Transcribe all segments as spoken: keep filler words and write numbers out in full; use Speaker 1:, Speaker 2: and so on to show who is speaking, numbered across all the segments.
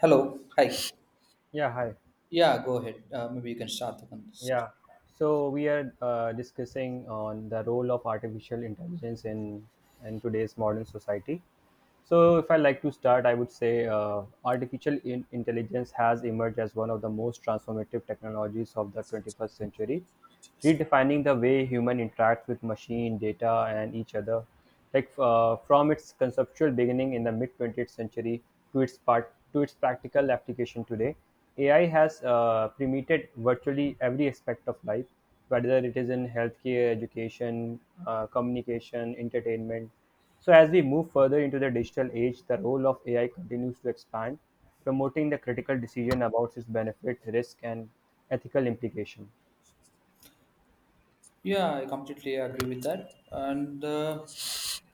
Speaker 1: Hello. Hi.
Speaker 2: Yeah, hi.
Speaker 1: Yeah, go ahead. Uh, maybe you can start the conversation.
Speaker 2: Yeah. So we are uh, discussing on the role of artificial intelligence in in today's modern society. So if I like to start, I would say uh, artificial in- intelligence has emerged as one of the most transformative technologies of the twenty-first century, redefining the way human interacts with machine data and each other. Like uh, from its conceptual beginning in the mid twentieth century to its part to its practical application today, ai has uh, permeated virtually every aspect of life, whether it is in healthcare, education, uh, communication, entertainment. So as we move further into the digital age, the role of ai continues to expand, promoting the critical decision about its benefit, risk and ethical implication.
Speaker 1: Yeah, I completely agree with that. And uh,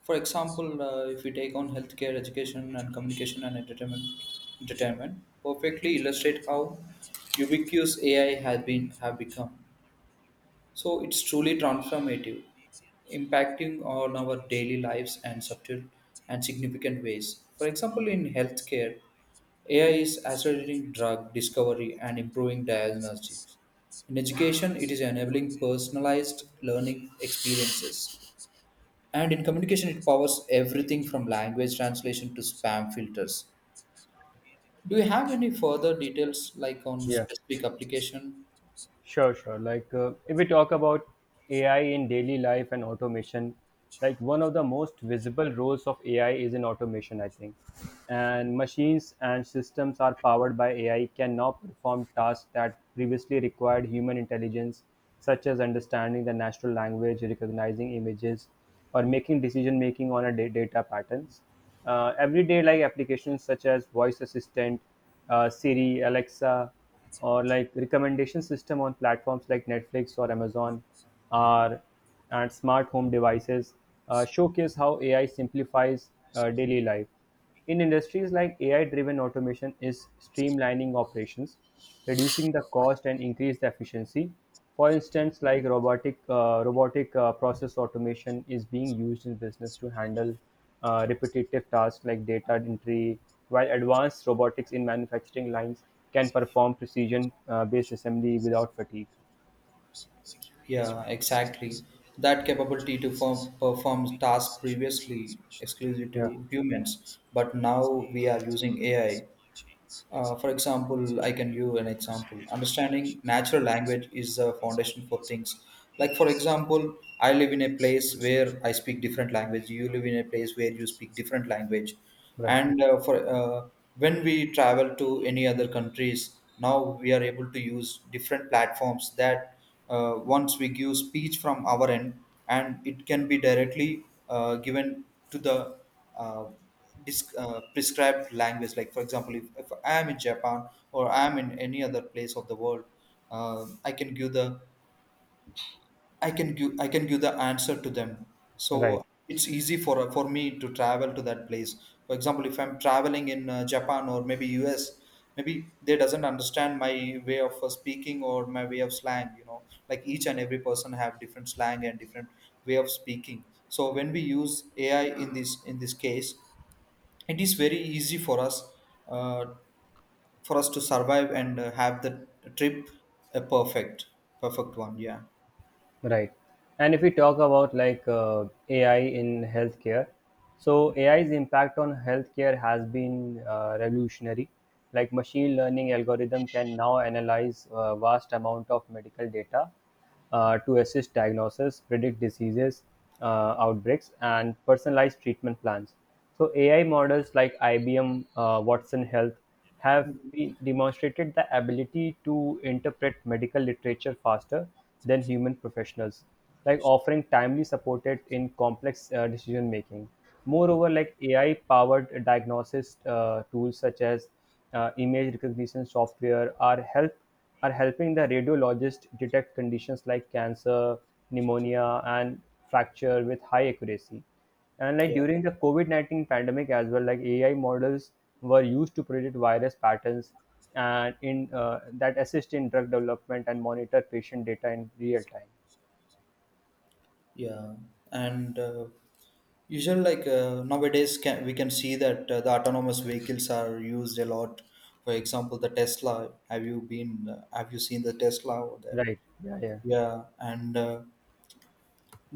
Speaker 1: For example, uh, if we take on healthcare, education, and communication and entertainment, entertainment perfectly illustrate how ubiquitous A I has been have become. So it's truly transformative, impacting on our daily lives and subtle and significant ways. For example, in healthcare, A I is accelerating drug discovery and improving diagnostics. In education, it is enabling personalized learning experiences. And in communication, it powers everything from language translation to spam filters. Do you have any further details like on
Speaker 2: Yeah.
Speaker 1: specific application?
Speaker 2: Sure, sure. Like, uh, if we talk about A I in daily life and automation, like one of the most visible roles of A I is in automation, I think. And machines and systems are powered by A I can now perform tasks that previously required human intelligence, such as understanding the natural language, recognizing images, or making decision making on a da- data patterns. Uh, everyday like applications such as voice assistant, uh, Siri, Alexa, or like recommendation system on platforms like Netflix or Amazon are and smart home devices uh, showcase how A I simplifies uh, daily life. In industries like A I driven automation is streamlining operations, reducing the cost and increase the efficiency. For instance, like robotic uh, robotic uh, process automation is being used in business to handle uh, repetitive tasks like data entry, while advanced robotics in manufacturing lines can perform precision uh, based assembly without fatigue.
Speaker 1: Yeah, exactly. That capability to form, perform tasks previously exclusive
Speaker 2: Yeah,
Speaker 1: to humans, but now we are using A I, uh, for example, I can give an example. Understanding natural language is the foundation for things. Like, for example, I live in a place where I speak different language. You live in a place where you speak different language.
Speaker 2: right,
Speaker 1: And uh, for uh, When we travel to any other countries, now we are able to use different platforms that, uh, once we give speech from our end, and it can be directly uh, given to the uh, dis- uh, prescribed language. Like, for example, if, if I am in Japan or I am in any other place of the world, uh, I can give the I can give I can give the answer to them.
Speaker 2: right.
Speaker 1: So it's easy for for me to travel to that place. For example, if I'm traveling in uh, Japan or maybe U S, maybe they doesn't understand my way of uh, speaking or my way of slang. You know, like each and every person have different slang and different way of speaking. So when we use A I in this in this case, it is very easy for us, uh, for us to survive and uh, have the trip a perfect perfect one. Yeah,
Speaker 2: Right. And if we talk about like uh, A I in healthcare, so A I's impact on healthcare has been uh, revolutionary. Like machine learning algorithm can now analyze a vast amount of medical data uh, to assist diagnosis, predict diseases, uh, outbreaks, and personalized treatment plans. So A I models like I B M uh, Watson Health have been- demonstrated the ability to interpret medical literature faster than human professionals, like offering timely supported in complex uh, decision making. Moreover, like A I powered diagnosis uh, tools such as uh, image recognition software are help are helping the radiologist detect conditions like cancer, pneumonia, and fracture with high accuracy. And like
Speaker 1: yeah,
Speaker 2: during the COVID nineteen pandemic as well, like A I models were used to predict virus patterns and in uh, that assist in drug development and monitor patient data in real time.
Speaker 1: yeah, and uh, usually like uh, nowadays can, we can see that uh, the autonomous vehicles are used a lot. For example, the Tesla, have you been uh, have you seen the Tesla over there?
Speaker 2: Right. Yeah. Yeah.
Speaker 1: Yeah, and uh,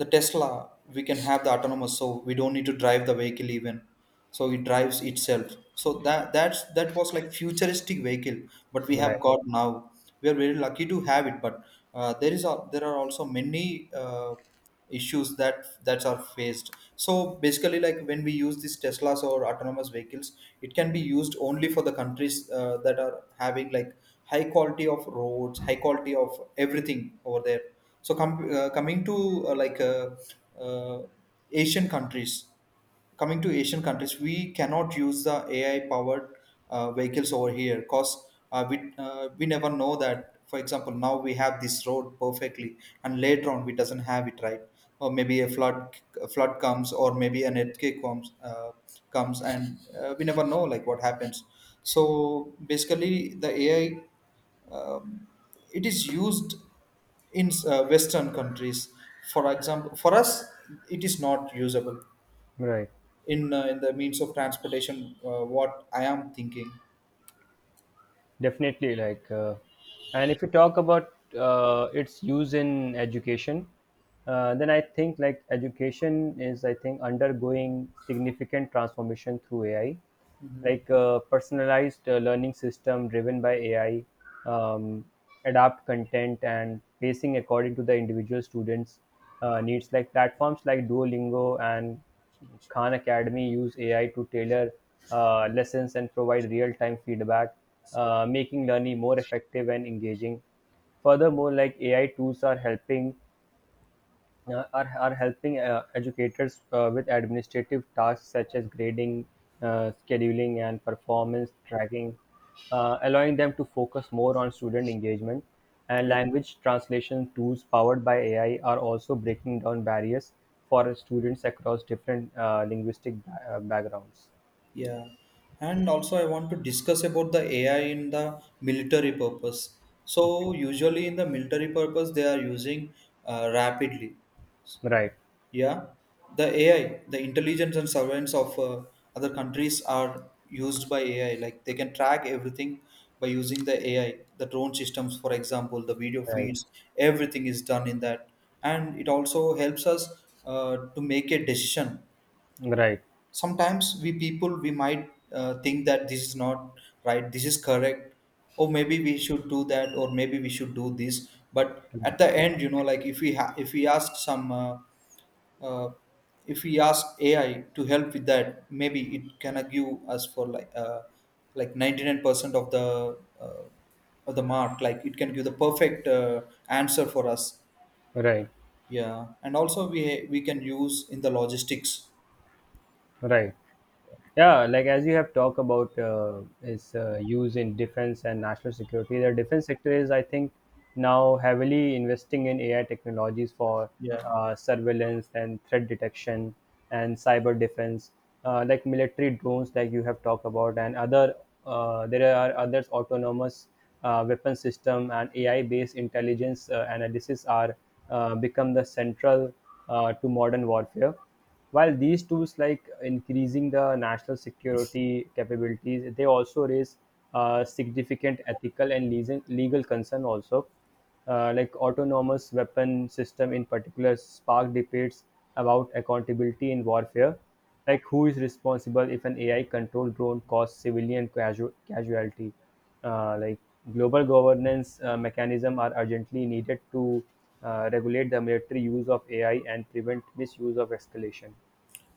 Speaker 1: the Tesla, we can have the autonomous, so we don't need to drive the vehicle even, so it drives itself. So that that's that was like futuristic vehicle, but we
Speaker 2: Right.
Speaker 1: have got now. We are very lucky to have it, but uh, there is a, there are also many uh, issues that that are faced. So basically, like when we use these Teslas or autonomous vehicles, it can be used only for the countries uh, that are having like high quality of roads, high quality of everything over there. So com- uh, coming to uh, like uh, uh, Asian countries, Coming to Asian countries, we cannot use the A I powered uh, vehicles over here, because uh, we uh, we never know that. For example, now we have this road perfectly, and later on we doesn't have it, right, or maybe a flood a flood comes, or maybe an earthquake comes uh, comes, and uh, we never know like what happens. So basically, the A I, um, it is used in uh, western countries. For example, for us it is not usable
Speaker 2: Right.
Speaker 1: in uh, in the means of transportation, uh, what I am thinking.
Speaker 2: Definitely, like, uh, and if you talk about uh, its use in education, uh, then I think like education is, I think, undergoing significant transformation through A I,
Speaker 1: Hmm.
Speaker 2: like uh, personalized uh, learning system driven by A I, um, adapt content and pacing according to the individual students' uh, needs. Like platforms like Duolingo and Khan Academy use A I to tailor uh, lessons and provide real-time feedback, uh, making learning more effective and engaging. Furthermore, like A I tools are helping uh, are, are helping uh, educators uh, with administrative tasks such as grading, uh, scheduling, and performance tracking, uh, allowing them to focus more on student engagement. And
Speaker 1: Yeah,
Speaker 2: language translation tools powered by A I are also breaking down barriers for students across different uh, linguistic ba- uh, backgrounds.
Speaker 1: yeah, and also I want to discuss about the AI in the military purpose. So usually in the military purpose, they are using uh, rapidly.
Speaker 2: Right,
Speaker 1: Yeah, the A I, the intelligence and surveillance of uh, other countries are used by A I. Like they can track everything by using the A I, the drone systems, for example, the video
Speaker 2: right,
Speaker 1: feeds, everything is done in that. And it also helps us uh, to make a decision.
Speaker 2: right,
Speaker 1: Sometimes we people, we might uh, think that this is not right, this is correct, or maybe we should do that, or maybe we should do this. But at the end, you know, like if we ha- if we ask some uh, uh, if we ask A I to help with that, maybe it can uh, give us for like uh, like ninety nine percent of the, uh, of the mark. Like it can give the perfect uh, answer for us.
Speaker 2: right,
Speaker 1: Yeah, and also we we can use in the logistics.
Speaker 2: right. Yeah, like as you have talked about uh, its uh, use in defense and national security, the defense sector is, I think, now heavily investing in A I technologies for
Speaker 1: Yeah.
Speaker 2: uh, surveillance and threat detection and cyber defense, uh, like military drones, like you have talked about, and other, uh, there are others autonomous uh, weapon system and A I-based intelligence uh, analysis are uh, become the central uh, to modern warfare, while these tools like increasing the national security capabilities, they also raise uh, significant ethical and leas- legal concern also. Uh, like autonomous weapon system in particular spark debates about accountability in warfare, like who is responsible if an A I controlled drone causes civilian casu- casualty? Uh, like global governance uh, mechanism are urgently needed to uh, regulate the military use of A I and prevent misuse of escalation.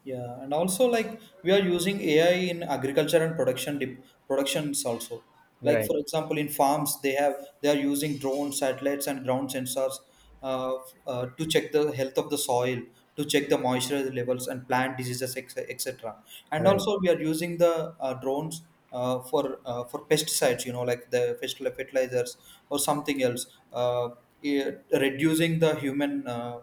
Speaker 1: Yeah, and also like we are using A I in agriculture and production dip productions also. Like
Speaker 2: Right,
Speaker 1: for example, in farms they have they are using drone satellites and ground sensors, uh, f- uh, to check the health of the soil, to check the moisture levels and plant diseases, ex- et cetera. And
Speaker 2: right,
Speaker 1: also we are using the uh, drones uh, for uh, for pesticides, you know, like the fertil- fertilizers or something else, uh, eh, reducing the human. Uh,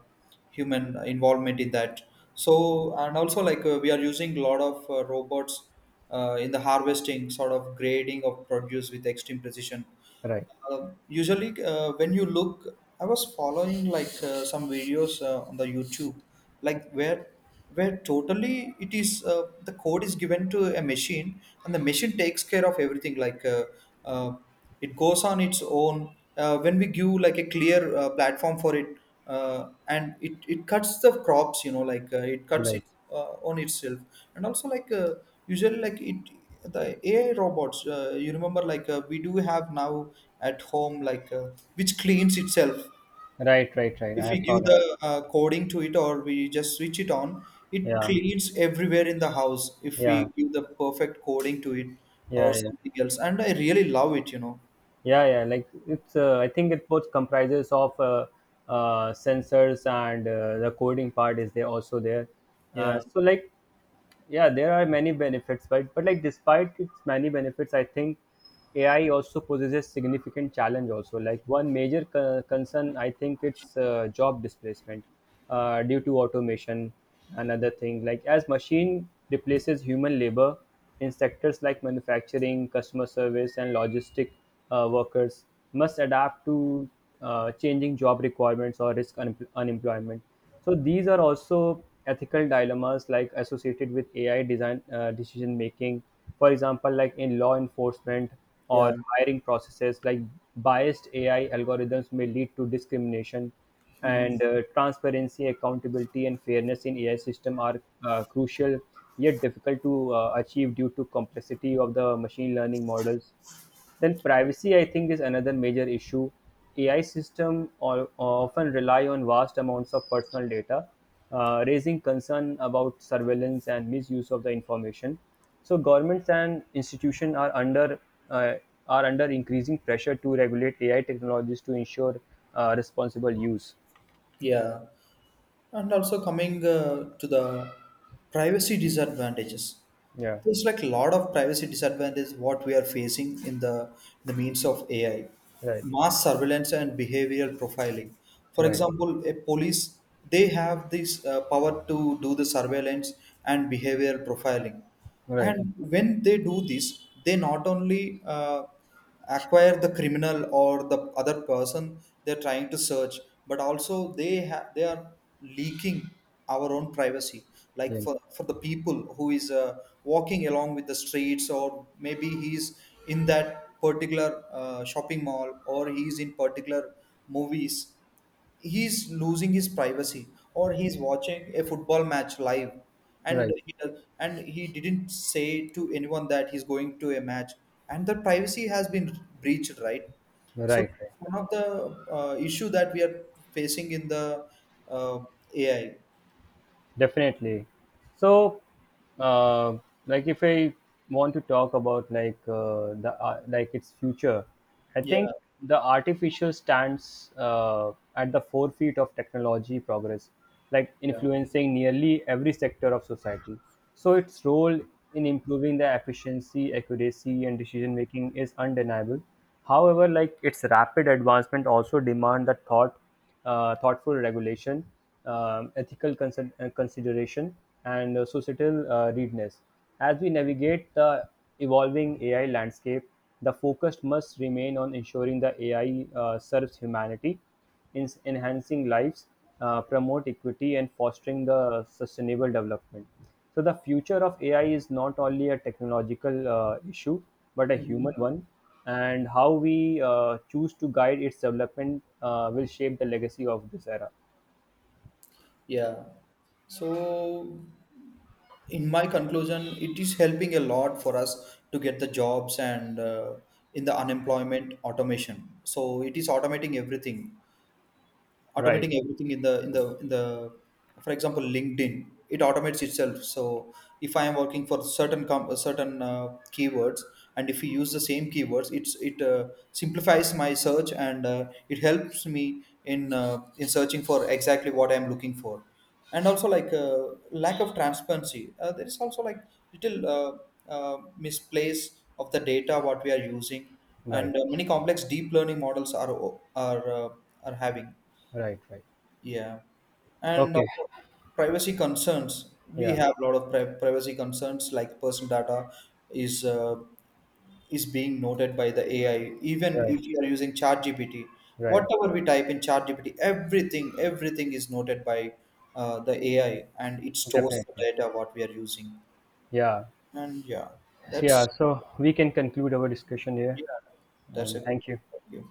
Speaker 1: Human involvement in that. So and also like uh, we are using a lot of uh, robots uh, in the harvesting, sort of grading of produce with extreme precision.
Speaker 2: right,
Speaker 1: Uh, usually uh, When you look, I was following like uh, some videos uh, on the YouTube, like where where totally it is, uh, the code is given to a machine, and the machine takes care of everything, like uh, uh, it goes on its own uh, when we give like a clear uh, platform for it. Uh, and it, it cuts the crops, you know, like uh, it cuts
Speaker 2: right,
Speaker 1: it uh, on itself. And also like uh, usually like it the AI robots, uh, you remember like uh, we do have now at home, like uh, which cleans itself.
Speaker 2: right, right, right.
Speaker 1: If
Speaker 2: I
Speaker 1: we
Speaker 2: have saw
Speaker 1: give
Speaker 2: that.
Speaker 1: the uh, coding to it, or we just switch it on, it
Speaker 2: Yeah,
Speaker 1: cleans everywhere in the house if we
Speaker 2: yeah,
Speaker 1: give the perfect coding to it or
Speaker 2: yeah, yeah,
Speaker 1: something else, and I really love it, you know
Speaker 2: yeah, yeah. Like it's, uh, I think it both comprises of uh, uh, sensors and uh, the coding part is there also there. Uh,
Speaker 1: yeah
Speaker 2: so like yeah, there are many benefits, but but like despite its many benefits, I think ai also poses significant challenge also. Like one major co- concern, I think, it's uh, job displacement uh, due to automation. Another thing, like as machine replaces human labor in sectors like manufacturing, customer service and logistic, uh, workers must adapt to uh, changing job requirements or risk un- unemployment. So these are also ethical dilemmas like associated with A I design, uh, decision making. For example, like in law enforcement
Speaker 1: yeah
Speaker 2: or hiring processes, like biased A I algorithms may lead to discrimination,
Speaker 1: Mhm.
Speaker 2: and uh, transparency, accountability, and fairness in A I system are uh, crucial yet difficult to uh, achieve due to complexity of the machine learning models. Then privacy, I think, is another major issue. A I systems often rely on vast amounts of personal data, uh, raising concern about surveillance and misuse of the information. So governments and institutions are under uh, are under increasing pressure to regulate A I technologies to ensure uh, responsible use.
Speaker 1: Yeah. And also coming uh, to the privacy disadvantages.
Speaker 2: Yeah,
Speaker 1: There's like a lot of privacy disadvantages what we are facing in the, the means of A I.
Speaker 2: right,
Speaker 1: Mass surveillance and behavioral profiling. For
Speaker 2: right,
Speaker 1: example, a police, they have this uh, power to do the surveillance and behavioral profiling,
Speaker 2: right,
Speaker 1: and when they do this, they not only uh, acquire the criminal or the other person they're trying to search, but also they ha- they are leaking our own privacy, like
Speaker 2: yeah,
Speaker 1: for, for the people who is uh, walking along with the streets, or maybe he's in that particular uh, shopping mall, or he's in particular movies, he's losing his privacy, or he's watching a football match live, and
Speaker 2: right,
Speaker 1: he, and he didn't say to anyone that he's going to a match, and the privacy has been breached, right? So
Speaker 2: right.
Speaker 1: that's one of the uh, issue that we are facing in the uh, AI.
Speaker 2: Definitely. So, uh, like if I want to talk about like uh, the uh, like its future, I
Speaker 1: Yeah,
Speaker 2: think the artificial stands uh, at the forefront of technology progress, like
Speaker 1: yeah.
Speaker 2: influencing nearly every sector of society. So its role in improving the efficiency, accuracy, and decision making is undeniable. However, like its rapid advancement also demand the thought uh, thoughtful regulation, um, ethical consider- uh, consideration, and uh, societal uh, readiness. As we navigate the evolving A I landscape, the focus must remain on ensuring the A I uh, serves humanity, in enhancing lives, uh, promote equity, and fostering the sustainable development. So the future of A I is not only a technological uh, issue, but a human
Speaker 1: Mhm.
Speaker 2: one. And how we uh, choose to guide its development uh, will shape the legacy of this era.
Speaker 1: Yeah. So, in my conclusion, it is helping a lot for us to get the jobs and uh, in the unemployment automation. So, it is automating everything,
Speaker 2: Right,
Speaker 1: automating everything in the in the in the, for example, LinkedIn, it automates itself. So if I am working for certain com- uh, certain uh, keywords, and if you use the same keywords, it's it uh, simplifies my search, and uh, it helps me in uh, in searching for exactly what I am looking for. And also like uh, lack of transparency, uh, there is also like little, uh, uh, misplace of the data what we are using,
Speaker 2: right,
Speaker 1: and uh, many complex deep learning models are are uh, are having.
Speaker 2: right, right.
Speaker 1: Yeah, and
Speaker 2: Okay,
Speaker 1: also privacy concerns. We
Speaker 2: yeah,
Speaker 1: have a lot of pri- privacy concerns, like personal data is uh, is being noted by the A I. Even
Speaker 2: right,
Speaker 1: if you are using ChatGPT,
Speaker 2: right,
Speaker 1: whatever we type in ChatGPT, everything everything is noted by uh, the A I, and it stores the
Speaker 2: definitely.
Speaker 1: data what we are using.
Speaker 2: Yeah,
Speaker 1: And yeah,
Speaker 2: yeah.
Speaker 1: that's
Speaker 2: So we can conclude our discussion here,
Speaker 1: yeah, that's a
Speaker 2: and
Speaker 1: good.
Speaker 2: thank you.
Speaker 1: point of view.